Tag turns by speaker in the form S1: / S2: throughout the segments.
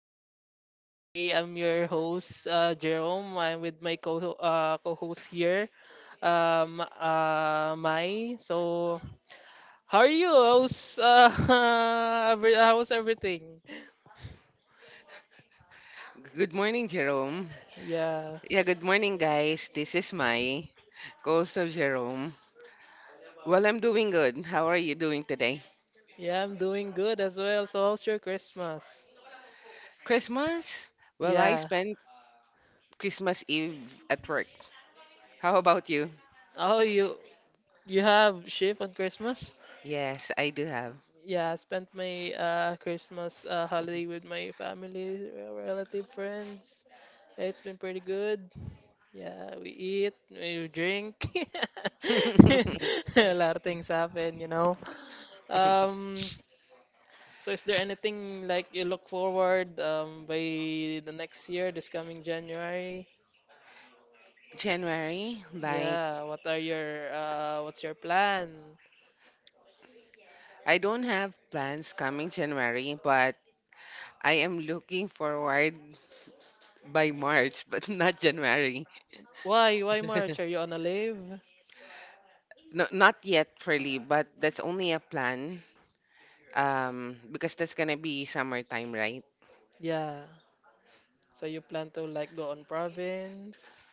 S1: morning. Today I'm your host, Jerome. I'm with my co co-host here, Mai. So, how are you? How's how's everything?
S2: Good morning, Jerome.
S1: Yeah,
S2: Yeah, good morning, guys. This is Mai, co of Jerome. Well, I'm doing good. How are you doing today?
S1: yeah, I'm doing good as well. So, how's your Christmas?
S2: Christmas? Well, I
S1: Yeah.
S2: spent Christmas Eve at work. How about you?
S1: Oh, you have shift on Christmas?
S2: Yes, I do have.
S1: Yeah, I spent my Christmas holiday with my family, relative, friends. It's been pretty good. Yeah, we eat, we drink. A lot of things happen, you know. Um, so is there anything like you look forward by the next year, this coming January?
S2: January, like,
S1: Yeah, what are your what's your plan?
S2: I don't have plans coming January, but I am looking forward by March, but not January.
S1: Why March? Are you on a leave?
S2: No, not yet, really, but that's only a plan. Because that's gonna be summertime, right?
S1: Yeah. So you plan to like go on province?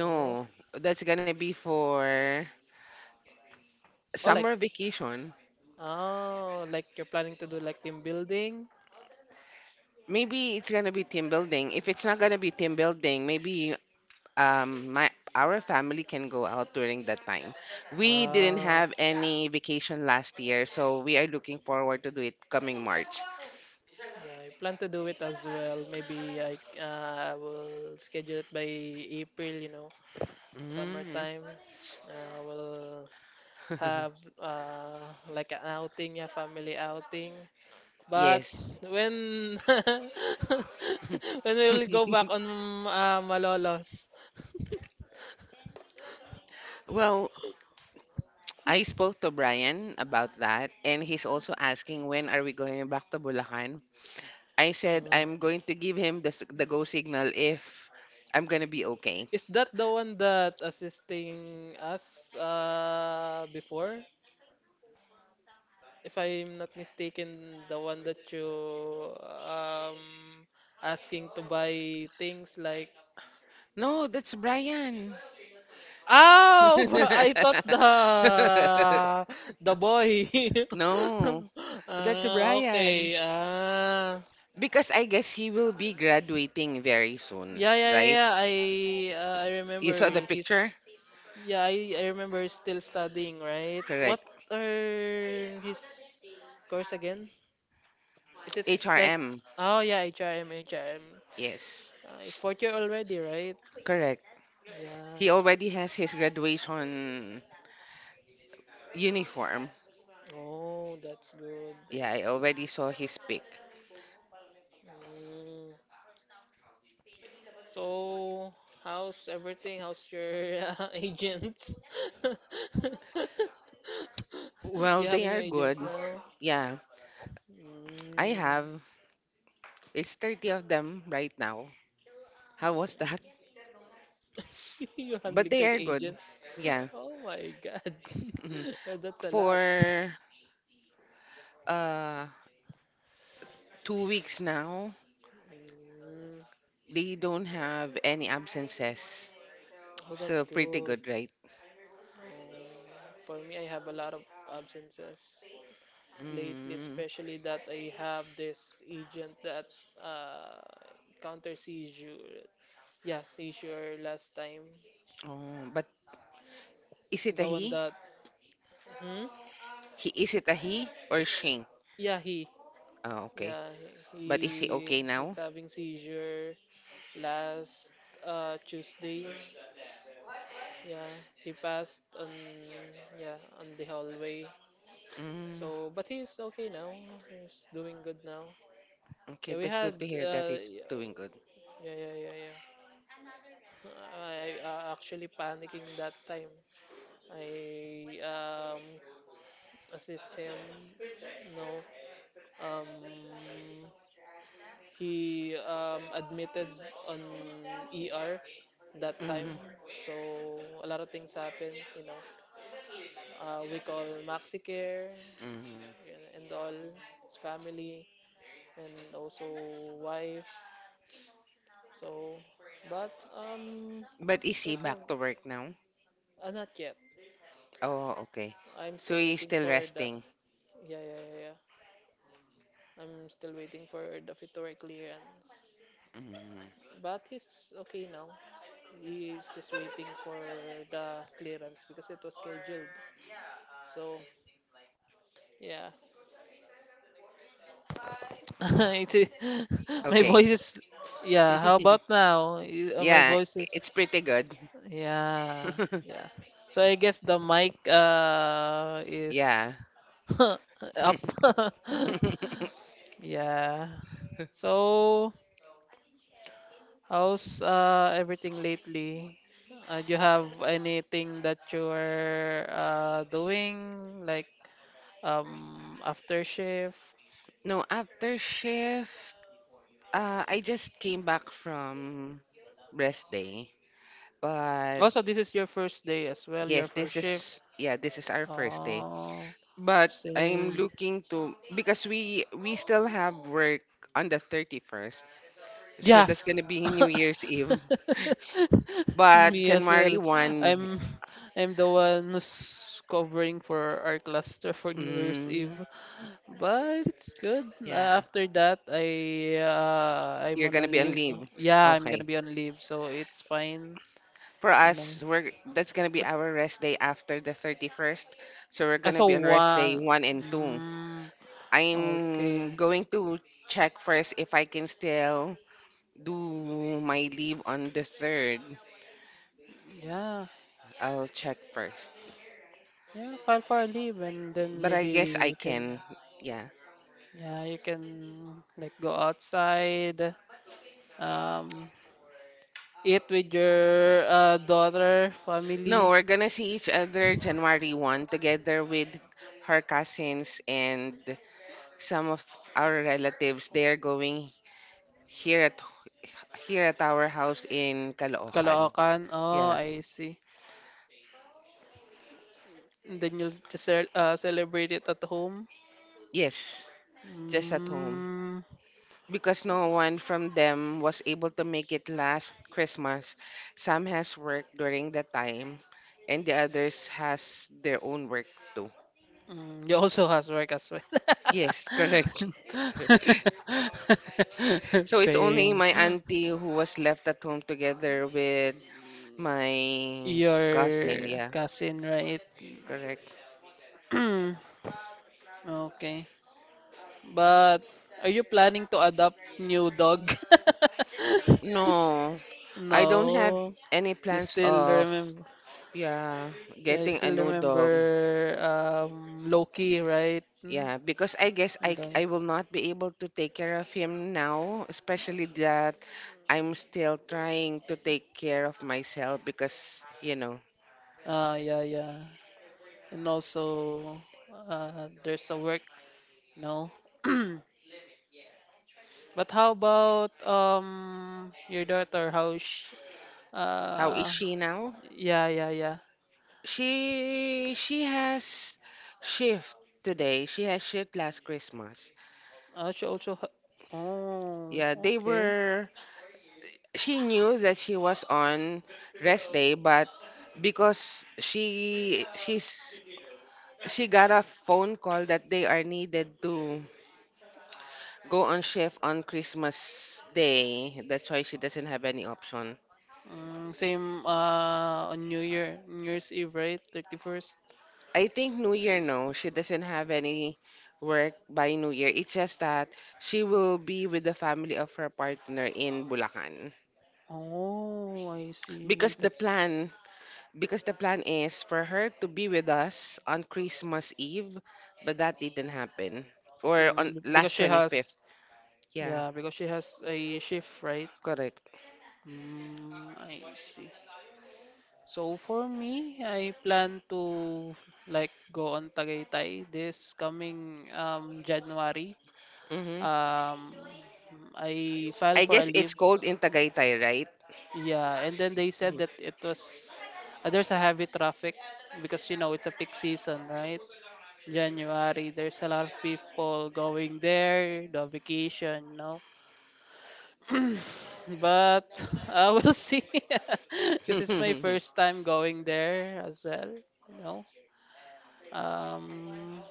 S1: No.
S2: that's gonna be for
S1: Oh, like
S2: summer vacation.
S1: oh, like you're planning to do like team building?
S2: Maybe it's gonna be team building. If it's not gonna be team building, maybe my our family can go out during that time. We didn't
S1: Ah.
S2: have any vacation last year, so we are looking forward to do it coming March.
S1: Yeah, I plan to do it as well. Maybe I will schedule it by April, you know,
S2: Mm.
S1: summertime. We'll have like an outing, yeah, family outing. But
S2: Yes.
S1: when when we will go back on Malolos,
S2: Well, I spoke to Brian about that, and he's also asking when are we going back to Bulacan. I said
S1: Uh,
S2: I'm going to give him the go signal if I'm going to be okay.
S1: is that the one that assisting us before? If I'm not mistaken, the one that you um asking to buy things like.
S2: No, that's Brian.
S1: Oh, I thought the boy.
S2: No, that's
S1: Ah,
S2: Brian.
S1: okay. Ah,
S2: Because I guess he will be graduating very soon,
S1: yeah, yeah, yeah.
S2: right?
S1: yeah, I I
S2: You
S1: remember
S2: saw the picture?
S1: he's yeah. I remember he's still studying, right? What
S2: Correct.
S1: are his course again? Is it like
S2: HRM.
S1: oh yeah, H R M H R M.
S2: Yes.
S1: It's fourth year already, right?
S2: Correct. He
S1: Yeah.
S2: already has his graduation uniform.
S1: Oh, that's good. I
S2: Yeah, I
S1: see.
S2: already saw his pic.
S1: Mm. So, how's everything? How's your agents? Do
S2: Well,
S1: you have
S2: they
S1: any
S2: are
S1: agents
S2: good.
S1: now?
S2: Yeah, I
S1: Mm.
S2: have. It's 30 of them right now. How was that?
S1: You're
S2: But
S1: handling
S2: they
S1: 30
S2: are good.
S1: agent?
S2: Yeah.
S1: Oh my God.
S2: Mhm.
S1: That's a lot.
S2: For uh 2 weeks now,
S1: Mm.
S2: they don't have any absences.
S1: Oh, that's
S2: So pretty
S1: good.
S2: good, right?
S1: Uh, for me, I have a lot of absences lately,
S2: Mm.
S1: especially that I have this agent that uh, counter seizure. Yeah, seizure last time.
S2: Oh, but is it a
S1: The one
S2: he?
S1: that. Hmm?
S2: Is it a he or she?
S1: Yeah, he.
S2: Oh, okay.
S1: Yeah, he
S2: But is he
S1: he-
S2: okay
S1: he's
S2: now?
S1: having seizure last Tuesday. Yeah, he passed on yeah on the hallway.
S2: Mm.
S1: So, but he's okay now. He's doing good now.
S2: Okay,
S1: Yeah, we
S2: that's
S1: had
S2: good to hear that he's doing good.
S1: yeah yeah yeah yeah. I actually panicking that time. I assist him. No, um, he admitted on ER that time.
S2: Hmm.
S1: So a lot of things happen. You know, we call MaxiCare
S2: Hmm.
S1: yun, and all his family and also wife. So, but
S2: But is
S1: it's
S2: he
S1: okay.
S2: back to work now?
S1: Not yet.
S2: Oh, okay.
S1: I'm
S2: So
S1: still
S2: he's
S1: waiting
S2: still
S1: for the.
S2: resting.
S1: Yeah, yeah, yeah, yeah. I'm still waiting for the Fitore clearance.
S2: Mm.
S1: But he's okay now. He's just waiting for the clearance because it was scheduled. So, yeah. It's, my
S2: Okay.
S1: voice is. Yeah, how about now? My
S2: Yeah,
S1: voice
S2: i-
S1: is.
S2: it's pretty good.
S1: Yeah, yeah. So I guess the mic
S2: Yeah.
S1: is up. Yeah. So how's everything lately? Do you have anything that you're doing, like after shift?
S2: No, after shift, I just came back from rest day. But
S1: Also, this is your first day as well, your
S2: yes,
S1: first
S2: this
S1: shift.
S2: is yeah, this is our first day.
S1: Oh,
S2: But I'm
S1: same.
S2: looking to because we still have work on the 31st. So
S1: Yeah,
S2: that's gonna be New Year's Eve. But
S1: me as
S2: January
S1: well.
S2: 1,
S1: I'm I'm the one who's covering for our cluster for New Year's Eve.
S2: mm,
S1: But it's good. Uh,
S2: yeah,
S1: After that, I uh, I'm
S2: you're
S1: on a
S2: gonna be on
S1: leave.
S2: leave.
S1: Yeah, I'm
S2: Okay.
S1: gonna be on leave, so it's fine,
S2: For
S1: you know.
S2: us, we're that's gonna be
S1: But
S2: our rest day after the 31st. So we're gonna
S1: so
S2: be on rest day
S1: one.
S2: one and two.
S1: Mm,
S2: I'm
S1: okay.
S2: going to check first if I can still do my leave on the third.
S1: Yeah,
S2: I'll check first.
S1: yeah. File for a leave, and then
S2: But I
S1: maybe
S2: guess I
S1: you can.
S2: can. Yeah.
S1: Yeah, you can like go outside. Um, eat with your daughter,
S2: No,
S1: family,
S2: we're gonna see each other January 1 together with her cousins and some of our relatives. They're going here at here at our house in Caloocan.
S1: kalaokan. Oh,
S2: Yeah.
S1: I see. And then you'll just celebrate it at home.
S2: Yes, just at home.
S1: Mm,
S2: Because no one from them was able to make it last Christmas. Some has work during the time and the others has their own work too.
S1: mm, you also has work as well.
S2: Yes, correct. So it's only
S1: Same.
S2: my auntie who was left at home together with my cousin.
S1: Your
S2: Yeah,
S1: cousin, right?
S2: correct.
S1: Okay. But are you planning to adopt new dog?
S2: No, I don't have
S1: No.
S2: any
S1: You
S2: plans
S1: still
S2: of,
S1: remember.
S2: yeah,
S1: Yeah, you
S2: getting a
S1: still
S2: new
S1: remember
S2: dog.
S1: Loki, right?
S2: Yeah, because I guess
S1: And
S2: I
S1: then-
S2: I will not be able to take care of him now, especially that I'm still trying to take care of myself because, you know,
S1: Ah, yeah, yeah, and also there's a work, you know. But how about your daughter? How she,
S2: how is
S1: uh
S2: she now?
S1: yeah yeah yeah.
S2: She has shift today. She has shift last Christmas.
S1: She also ha oh
S2: Yeah, they
S1: okay.
S2: were she knew that she was on rest day, but because she got a phone call that they are needed to go on shift on Christmas Day. That's why she doesn't have any option.
S1: Mm, same on New Year's Eve, right? 31st.
S2: I think New Year, no, she doesn't have any work by New Year. It's just that she will be with the family of her partner in Bulacan.
S1: Oh, I see.
S2: Because the
S1: That's
S2: plan, because the plan is for her to be with us on Christmas Eve, but that didn't happen. Or on
S1: mm, because
S2: last
S1: she
S2: 25th.
S1: has
S2: Yeah,
S1: yeah because she has a shift, right?
S2: correct.
S1: Mm, I see. So for me, I plan to like go on Tagaytay this coming January.
S2: Hmm.
S1: Um, I filed
S2: I
S1: for a
S2: guess
S1: leave.
S2: it's cold in Tagaytay, right?
S1: Yeah, and then they said that it was there's a heavy traffic because you know it's a peak season, right? January, there's a lot of people going there, the vacation, you know. But we'll see, because it's my first time going there as well, you know. Um,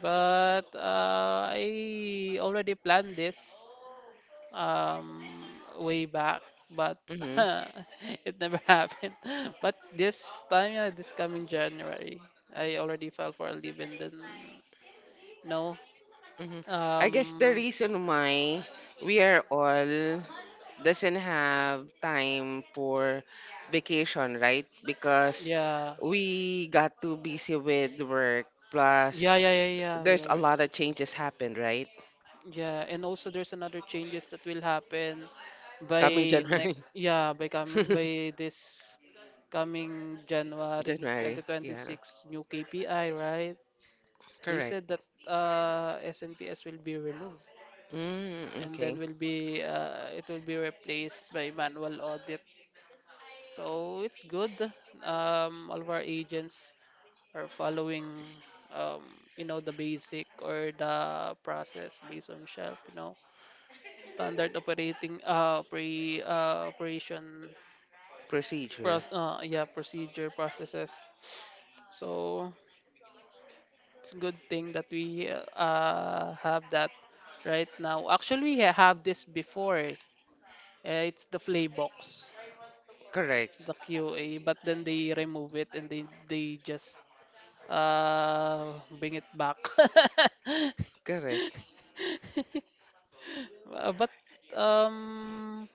S1: but I already planned this way back, but
S2: Hmm.
S1: it never happened. But this time, yeah, this coming January, I already fell for a leave and then no.
S2: Hmm. I guess the
S1: Um,
S2: reason why we are all doesn't have time for vacation, right? Because
S1: yeah,
S2: we got too busy with work, plus
S1: yeah. We
S2: there's a
S1: already.
S2: lot of changes happened, right?
S1: Yeah, and also there's another changes that will happen
S2: Coming
S1: by
S2: January.
S1: next yeah, by coming by this coming January
S2: January, yeah.
S1: 2026 new KPI, right? They said
S2: Correct.
S1: that SNPS will be removed
S2: Mm,
S1: and then
S2: okay.
S1: will be it will be replaced by manual audit. So it's good. All of our agents are following you know the basic or the process based on shelf, you know. standard operating uh, pre, uh, operation
S2: Procedure.
S1: pros, uh, yeah procedure processes so it's a good thing that we have that right now. Actually we have this before eh. It's the play box
S2: Correct.
S1: the QA but then they remove it and they just bring it back.
S2: Correct.
S1: But um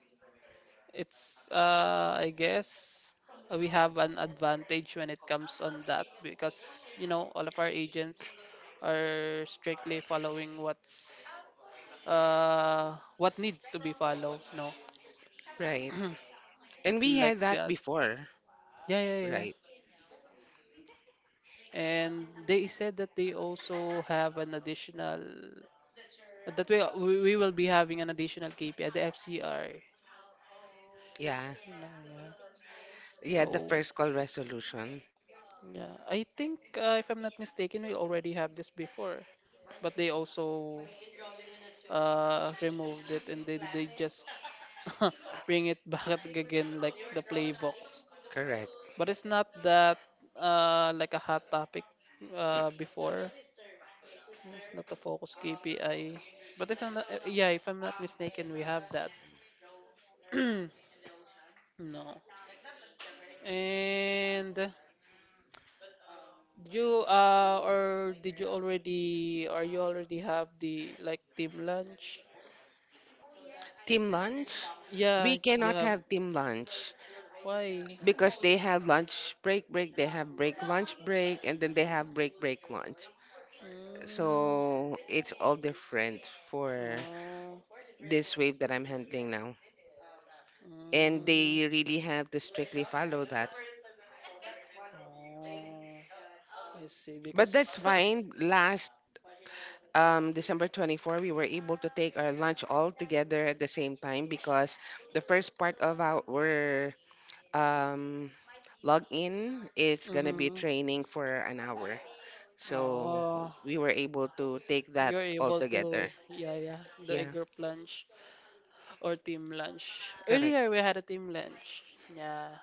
S1: it's I guess we have an advantage when it comes on that because you know all of our agents are strictly following what's what needs to be followed, no.
S2: Right. And we
S1: And like
S2: had that
S1: that.
S2: before,
S1: Yeah, yeah, yeah.
S2: right?
S1: And they said that they also have an additional that we will be having an additional KPI, the FCR.
S2: Yeah.
S1: You know, yeah.
S2: Yeah, the
S1: So
S2: first call resolution.
S1: yeah, I think if I'm not mistaken, we already have this before, but they also removed it and then they just bring it back again like the Playbox. But it's not that like a hot topic before. It's not the focus KPI. But if I'm not, if I'm not mistaken, we have that. No. And did you or did you already or you already have the like team lunch?
S2: Team lunch? We
S1: Yeah, you
S2: cannot
S1: have.
S2: have team lunch
S1: Why?
S2: because they have lunch break break, they have break lunch break, and then they have break break lunch.
S1: Mm,
S2: So it's all different for
S1: oh,
S2: this wave that I'm handling now. And
S1: mm,
S2: they really have to strictly follow that.
S1: oh, I see.
S2: But that's
S1: Because,
S2: fine. Last December 24, we were able to take our lunch all together at the same time because the first part of our um, login, it's gonna be
S1: mhm,
S2: training for an hour. So
S1: oh,
S2: we were able to take that
S1: you're
S2: all
S1: able
S2: together.
S1: to, yeah, yeah, do a
S2: Yeah,
S1: group lunch or team lunch.
S2: correct.
S1: Earlier, we had a team lunch. Yeah,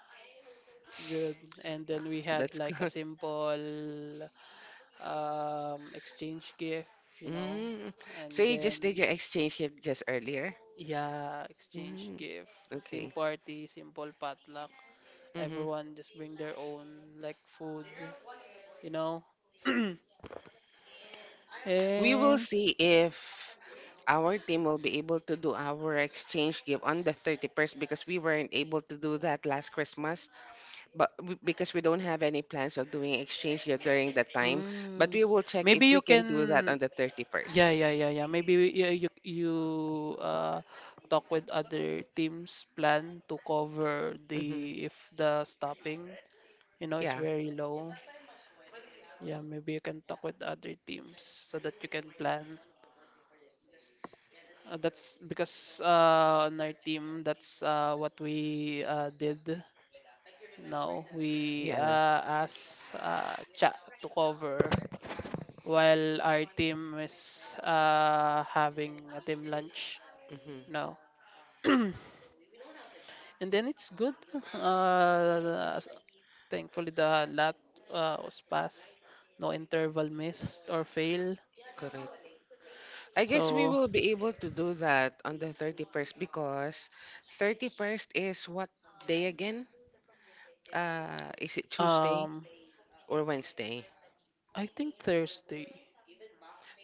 S1: it's good. And then we had
S2: That's
S1: like a
S2: good.
S1: simple exchange gift, you know,
S2: Mm. So
S1: and
S2: you just did
S1: then.
S2: your exchange shift just earlier?
S1: Yeah, exchange
S2: Mm.
S1: gift, team
S2: Okay.
S1: party, simple potluck.
S2: Hmm.
S1: Everyone just bring their own like food, you know.
S2: We will
S1: And
S2: see if our team will be able to do our exchange gift on the 31st because we weren't able to do that last Christmas. But because we don't have any plans of doing exchange yet during that time, but
S1: mm,
S2: we will check
S1: maybe
S2: if we
S1: you
S2: can do that on
S1: can
S2: the 31st.
S1: yeah. maybe you uh talk with other teams plan to cover
S2: Mm-hmm.
S1: the if the stopping, you know, is
S2: Yeah,
S1: very low. Yeah, maybe you can talk with other teams so that you can plan. That's because on our team, that's what we did. Now we
S2: yeah.
S1: asked chat to cover while our team is having a team lunch
S2: Mm-hmm.
S1: now. And then it's good. Uh, thankfully, the lot was passed. No interval missed or fail.
S2: Correct. I guess we
S1: So,
S2: will be able to do that on the 31st because 31st is what day again? Is it Tuesday
S1: um,
S2: or Wednesday?
S1: I think Thursday,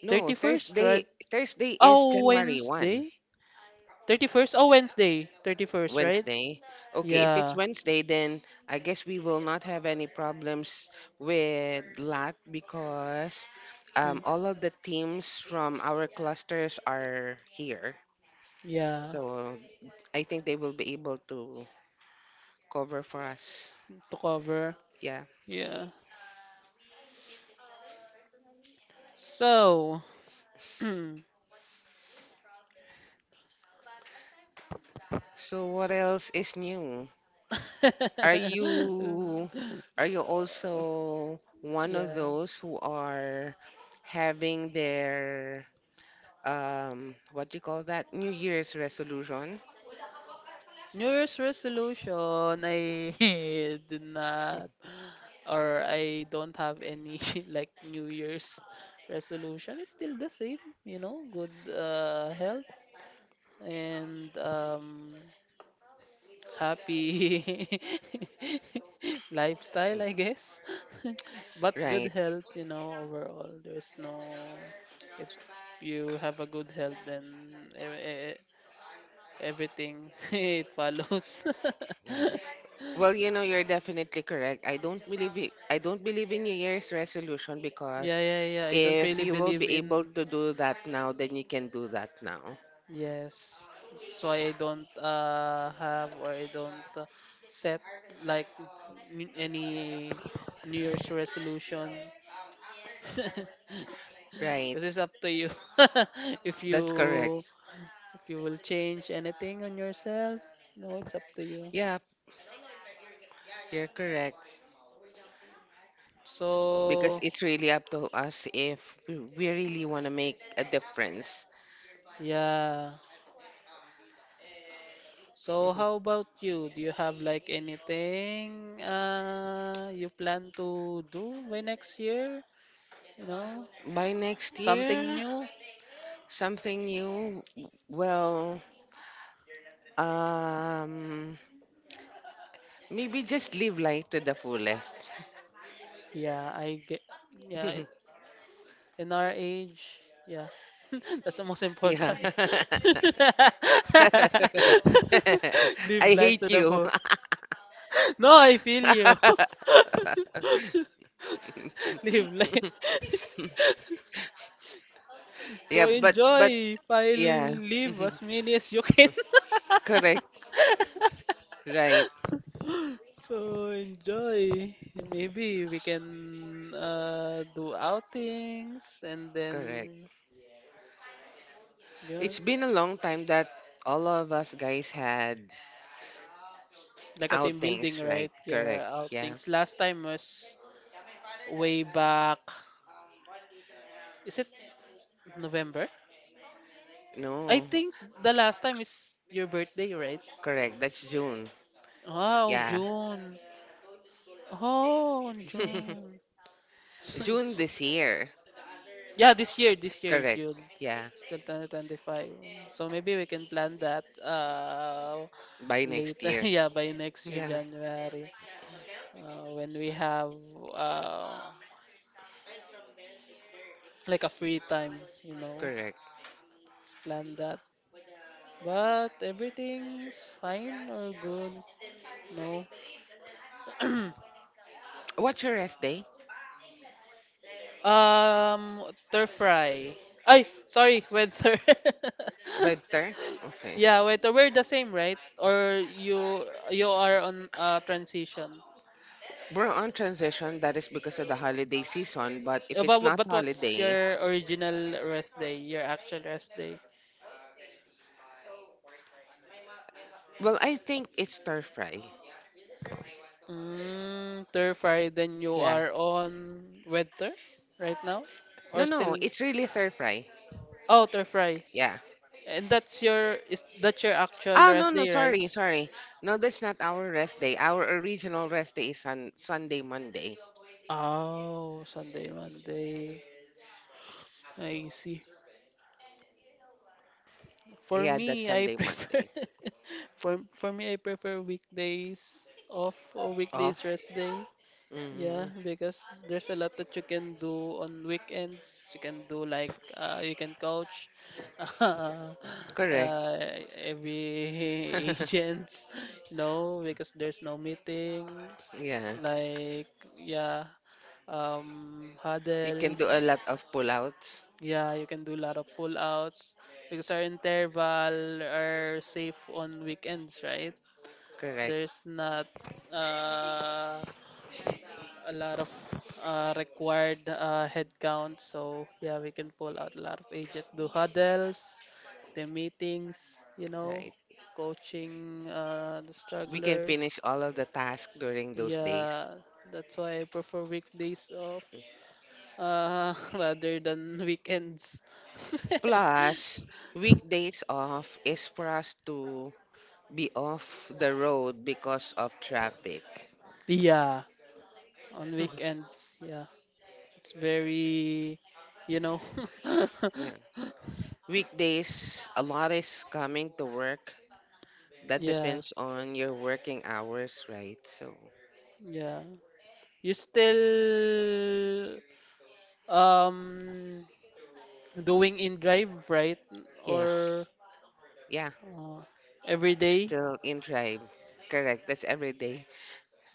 S2: No,
S1: 31st, right?
S2: Thursday. Thursday is
S1: Oh,
S2: January 1.
S1: Wednesday? 31st? Oh, Wednesday. 31st, right?
S2: Wednesday. Okay, if it's
S1: Yeah.
S2: Wednesday, then I guess we will not have any problems with LAT because
S1: Mm,
S2: all of the teams from our clusters are here.
S1: yeah.
S2: So I think they will be able to cover for us.
S1: To cover.
S2: Yeah.
S1: Yeah. So.
S2: So what else is new? Are you are you also one of
S1: yeah.
S2: those who are having their what do you call that, New Year's resolution?
S1: New Year's resolution, I did not, or I don't have any like New Year's resolution. It's still the same, you know, good health and happy
S2: Yeah.
S1: lifestyle, I guess. But
S2: Right.
S1: good health, you know, overall, there's no. If you have a good health, then e- e- e, everything it follows.
S2: Yeah, well, you know, you're definitely correct. I don't believe it, I don't believe in New Year's resolution because
S1: Yeah, yeah, yeah. I don't
S2: if
S1: really
S2: you will
S1: believe
S2: be able
S1: in.
S2: to do that now, then you can do that now.
S1: Yes. That's why I don't set like any New Year's resolution. Because
S2: Right.
S1: it's up to you if you
S2: That's correct.
S1: if you will change anything on yourself. No, it's up to you.
S2: Yeah, you're correct because
S1: So
S2: it's really up to us if we really want to make a difference.
S1: yeah. So how about you? Do you have like anything you plan to do by next year? You know,
S2: By next
S1: something
S2: year.
S1: new?
S2: Something new. Well, um Maybe just live life to the fullest.
S1: Yeah, I get. Yeah, in our age, yeah, that's the most
S2: Yeah.
S1: important. Live
S2: I
S1: life
S2: hate
S1: to the
S2: you.
S1: full. No, I feel you. Live life. So
S2: Yeah, but
S1: enjoy while
S2: yeah.
S1: live as many as you can.
S2: Correct. Right.
S1: So enjoy. Maybe we can do outings and
S2: Correct.
S1: then yeah,
S2: It's been a long time that all of us guys had
S1: like a team building,
S2: outings, right?
S1: right?
S2: Correct.
S1: Yeah,
S2: Yeah.
S1: outings. Last time was way back. Is it November? I
S2: No.
S1: think the last time is your birthday, right?
S2: Correct. That's June.
S1: Oh,
S2: Yeah.
S1: June. Oh, on June. So
S2: June
S1: it's
S2: this year.
S1: this year,
S2: Correct.
S1: June.
S2: Yeah.
S1: Still 2025. So maybe we can plan that
S2: By next
S1: later.
S2: year.
S1: Yeah, by next year,
S2: Yeah.
S1: January, when we have uh like a free time, you know.
S2: Correct.
S1: Let's plan that. But everything's fine or good. No.
S2: What's your rest day?
S1: Stir fry. Ay, sorry, weather.
S2: Bedtime? Okay.
S1: Yeah, weather. We're the same, right? Or you are on transition.
S2: We're on transition. That is because of the holiday season. But if
S1: Uh,
S2: it's
S1: But
S2: not
S1: but what's
S2: holiday,
S1: your original rest day? Your actual rest day?
S2: well, I think it's stir fry.
S1: Mm, stir fry. Then you
S2: Yeah.
S1: are on weather right now,
S2: No,
S1: or
S2: no,
S1: still?
S2: it's really stir fry.
S1: Oh, stir fry.
S2: Yeah.
S1: And that's your actual
S2: Ah, no,
S1: rest
S2: no,
S1: day, right?
S2: sorry, sorry. No, that's not our rest day. Our original rest day is on Sunday, Monday.
S1: Oh, Sunday, Monday. I see. For
S2: Yeah, that's
S1: me, I
S2: Sunday,
S1: prefer
S2: Monday.
S1: for me I prefer weekdays off or
S2: Oh,
S1: weekdays rest day. Yeah,
S2: mm,
S1: because there's a lot that you can do on weekends. You can do like you can coach uh,
S2: correct.
S1: every agents, you know, because there's no meetings.
S2: Yeah,
S1: Like yeah,
S2: we can do a
S1: huddles.
S2: lot of pullouts.
S1: Yeah, you can do a lot of full outs because our interval are safe on weekends, right?
S2: Correct,
S1: There's not uh, a lot of required head count, so yeah, we can pull out a lot of agent, do huddles, the meetings, you know,
S2: right.
S1: coaching the
S2: We can
S1: strugglers.
S2: finish all of the tasks during those days.
S1: Yeah, that's why I prefer weekdays off rather than weekends.
S2: Plus, weekdays off is for us to be off the road because of traffic.
S1: Yeah, on weekends. Yeah, it's very, you know.
S2: Yeah. Weekdays, a lot is coming to work. That
S1: Yeah,
S2: depends on your working hours, right? So,
S1: yeah. You still um doing in drive, right? Or
S2: yes. Yeah.
S1: uh, every day
S2: Still in drive. Correct. That's every day.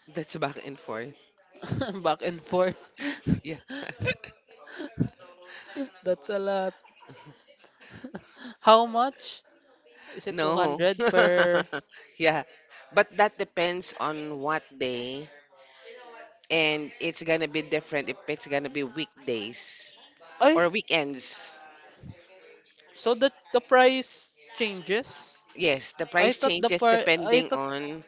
S2: That's back and forth.
S1: back and forth.
S2: Yeah.
S1: That's a lot. How much? Is it
S2: No.
S1: 200 per?
S2: Yeah. But that depends on what day and it's gonna be different if it's gonna be weekdays
S1: Ay,
S2: or weekends.
S1: so that the price changes?
S2: Yes, the
S1: I
S2: price
S1: thought the
S2: changes
S1: par I
S2: depending
S1: thought
S2: on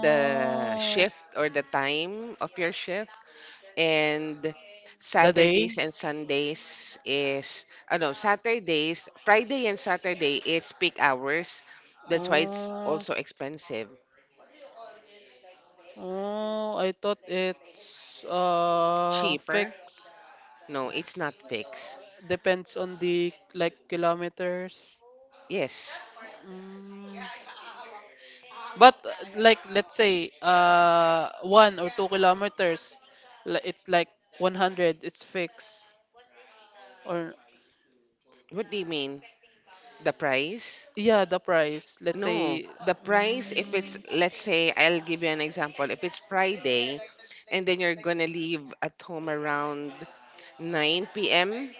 S2: the shift or the time of your shift. And
S1: The
S2: Saturdays
S1: day?
S2: and Sundays is, oh no, Saturdays, Friday and Saturday is peak hours. That's why it's
S1: Oh,
S2: also expensive.
S1: oh, I thought it's
S2: Cheaper?
S1: fixed.
S2: No, it's not fixed.
S1: Depends on the like kilometers.
S2: Yes.
S1: Mm. But like let's say 1 or 2 kilometers, it's like 100. It's fixed. Or
S2: What do you mean? The price?
S1: yeah, the price. Let's
S2: No,
S1: say.
S2: the price, if it's,
S1: Mm,
S2: let's say, I'll give you an example. If it's Friday and then you're gonna leave at home around 9 p.m.,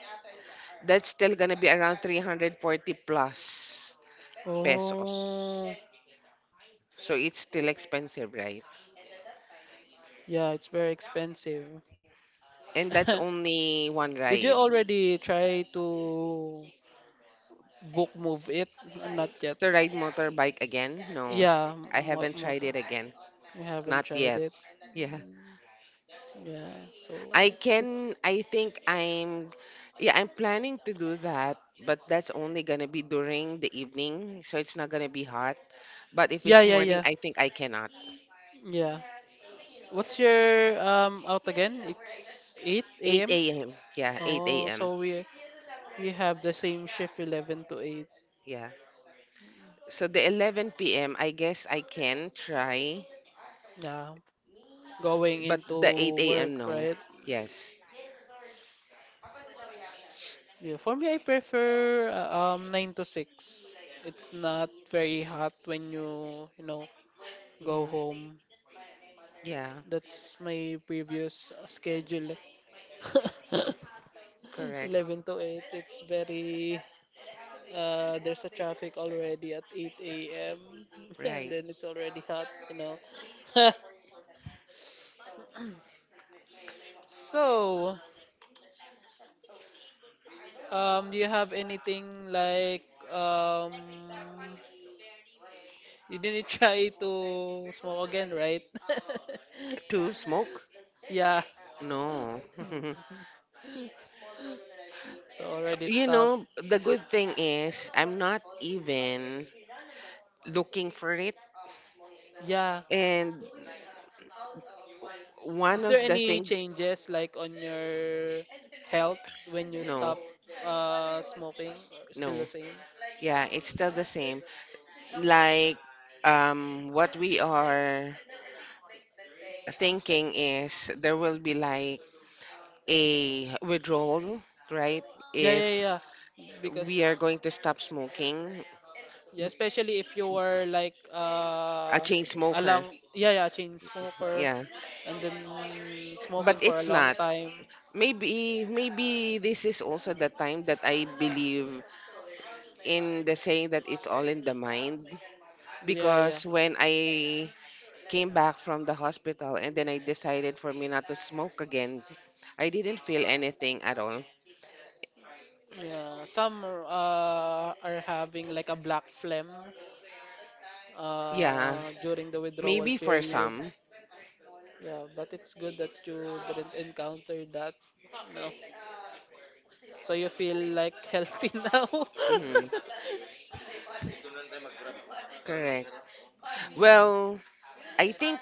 S2: that's still gonna be around 340 plus pesos.
S1: oh,
S2: So it's still expensive, right?
S1: yeah, it's very expensive.
S2: And that's only one
S1: Did you
S2: ride.
S1: already try to? Book Move It? Not yet.
S2: To ride motorbike again? No,
S1: Yeah,
S2: I
S1: mo
S2: haven't tried
S1: motor.
S2: it again.
S1: You haven't
S2: Not
S1: tried
S2: yet.
S1: it.
S2: Yeah.
S1: Mm, yeah, so
S2: I
S1: it's
S2: can, I think yeah, I'm planning to do that, but that's only gonna be during the evening, so it's not gonna be hot. But if
S1: yeah,
S2: it's
S1: yeah,
S2: morning,
S1: yeah,
S2: I think I cannot.
S1: yeah. What's your out again? It's 8 a.m.
S2: 8 a.m. Yeah, 8
S1: Oh,
S2: a.m.
S1: so we have the same shift 11 to 8.
S2: Yeah. So the 11 p.m. I guess I can try,
S1: Yeah, going
S2: but the
S1: into
S2: 8
S1: work,
S2: a.m. no.
S1: right?
S2: Yes.
S1: Yeah, for me I prefer 9 to 6. It's not very hot when you know, go
S2: Hmm.
S1: home.
S2: Yeah,
S1: That's my previous schedule.
S2: correct.
S1: 11 to 8. It's very. There's a traffic already at 8 a.m. And
S2: Right.
S1: then it's already hot, you know. So, do you have anything like um, you didn't try to smoke again, right?
S2: To smoke?
S1: Yeah.
S2: No.
S1: So already
S2: You
S1: stop.
S2: know, the good thing is I'm not even looking for it.
S1: Yeah.
S2: And one
S1: Is
S2: of
S1: there
S2: the
S1: any
S2: thing,
S1: changes like on your health when you
S2: no,
S1: stop smoking or still
S2: no,
S1: the same?
S2: yeah, it's still the same. Like, what we are thinking is there will be like a withdrawal, right?
S1: Yeah, yeah,
S2: If
S1: yeah.
S2: we are
S1: Because
S2: going to stop smoking,
S1: yeah, especially if you were like
S2: a chain smoker,
S1: along yeah, yeah, chain smoker
S2: yeah.
S1: and then
S2: But
S1: smoking for a
S2: it's
S1: long
S2: not.
S1: time.
S2: Maybe this is also the time that I believe in the saying that it's all in the mind
S1: Yeah, yeah.
S2: because when I came back from the hospital and then I decided for me not to smoke again. I didn't feel anything at all.
S1: Yeah, some are having like a black phlegm
S2: Yeah,
S1: during the withdrawal
S2: maybe for
S1: period.
S2: some.
S1: Yeah, but it's good that you didn't encounter that. No. So you feel like healthy now?
S2: Hmm. Correct.
S1: Mm,
S2: Well, I think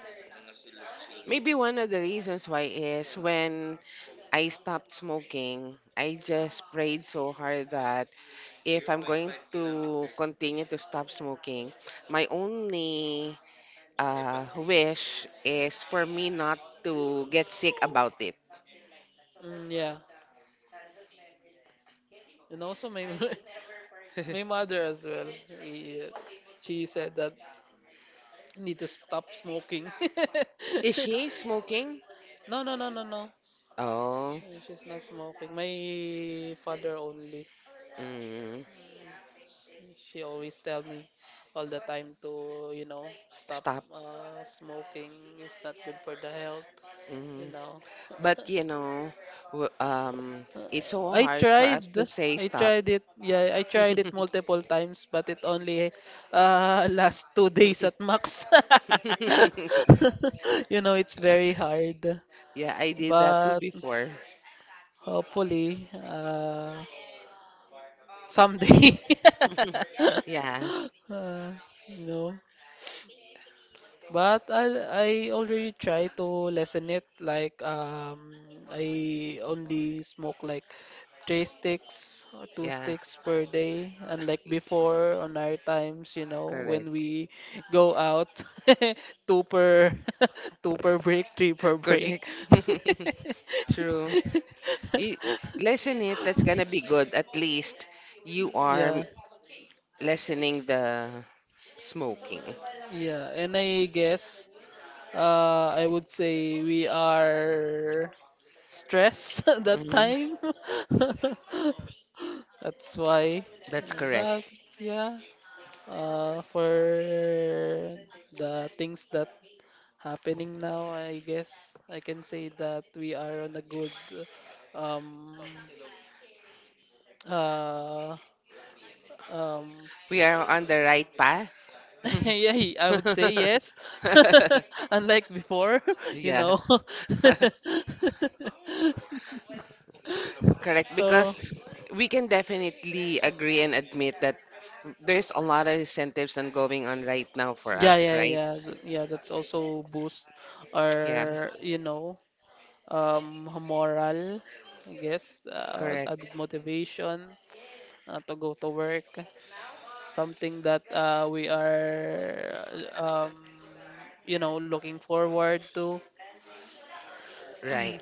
S2: maybe one of the reasons why is when I stopped smoking, I just prayed so hard that if I'm going to continue to stop smoking, my only wish is for me not to get sick about it.
S1: mm, yeah. And also my my mother as well. Yeah, she said that need to stop smoking.
S2: Is she smoking?
S1: No, no, no, no, no.
S2: Oh,
S1: She's not smoking. My father only.
S2: mm,
S1: She always tell me all the time to, you know, stop
S2: stop.
S1: smoking. It's not good for the health, you
S2: Mm.
S1: know.
S2: But you know, w- um, it's
S1: Uh,
S2: so
S1: I
S2: hard for us
S1: tried.
S2: to say
S1: I
S2: stop.
S1: tried it. Yeah, I tried it multiple times, but it only last 2 days at max. You know, it's very hard.
S2: Yeah, I did that too
S1: But
S2: before.
S1: hopefully, someday.
S2: Yeah,
S1: uh, you know, but I already try to lessen it. Like I only smoke like three sticks or two
S2: yeah,
S1: sticks per day, unlike before on our times. You know, when
S2: correct,
S1: we go out, two per two per break, three per break.
S2: correct. True. You lessen it, that's gonna be good. At least you are
S1: Yeah.
S2: lessening the smoking.
S1: Yeah, and I guess I would say we are stressed that
S2: Hmm.
S1: time. That's why.
S2: That's
S1: But
S2: correct.
S1: yeah, for the things that happening now, I guess I can say that we are on a good um, uh, um,
S2: We are on the right path.
S1: yeah, I would say yes. Unlike before, you
S2: Yeah,
S1: know.
S2: correct.
S1: So,
S2: Because we can definitely agree and admit that there's a lot of incentives on going on right now for
S1: yeah,
S2: us,
S1: yeah,
S2: right?
S1: yeah, yeah, that's also boost
S2: Yeah,
S1: our, you know, moral, I guess,
S2: correct.
S1: added motivation to go to work. Something that we are, um, you know, looking forward to.
S2: Right.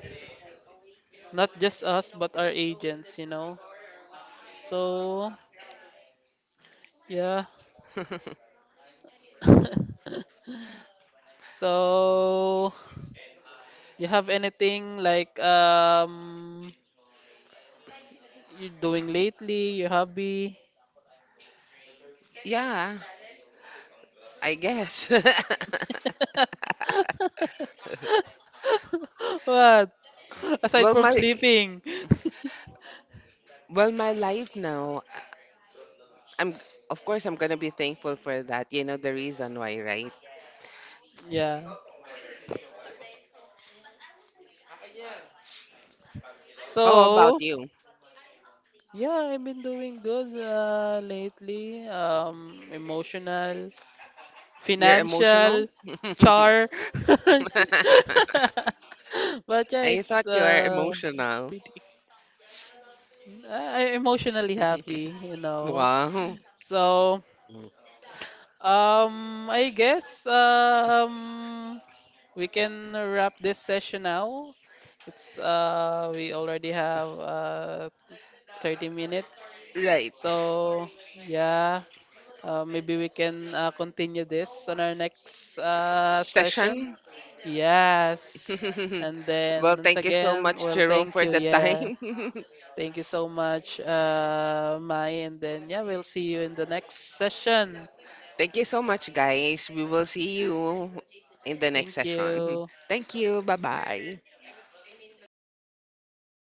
S1: Not just us, but our agents, you know. So, yeah. So, you have anything like you're doing lately, your hobby?
S2: Yeah, I guess.
S1: What? Aside
S2: Well,
S1: from
S2: my
S1: sleeping.
S2: well, my life now, I'm of course I'm gonna be thankful for that. You know the reason why, right?
S1: Yeah.
S2: How about
S1: So,
S2: you?
S1: yeah, I've been doing good lately. Um, emotional,
S2: You're emotional?
S1: financial char. But yeah,
S2: I
S1: it's
S2: thought you are emotional.
S1: pretty. I'm emotionally happy, you know.
S2: Wow.
S1: So I guess we can wrap this session now. It's we already have 30 minutes.
S2: Right.
S1: So yeah. Maybe we can continue this on our next session.
S2: Session.
S1: Yes. And then
S2: Well,
S1: once
S2: thank you so
S1: again,
S2: much,
S1: well,
S2: Jerome,
S1: thank
S2: for
S1: you.
S2: the
S1: Yeah.
S2: time.
S1: Thank you so much, Mai. And then, yeah, we'll see you in the next session.
S2: Thank you so much, guys. We will see you in the next
S1: Thank
S2: session.
S1: you.
S2: Thank you. Bye bye.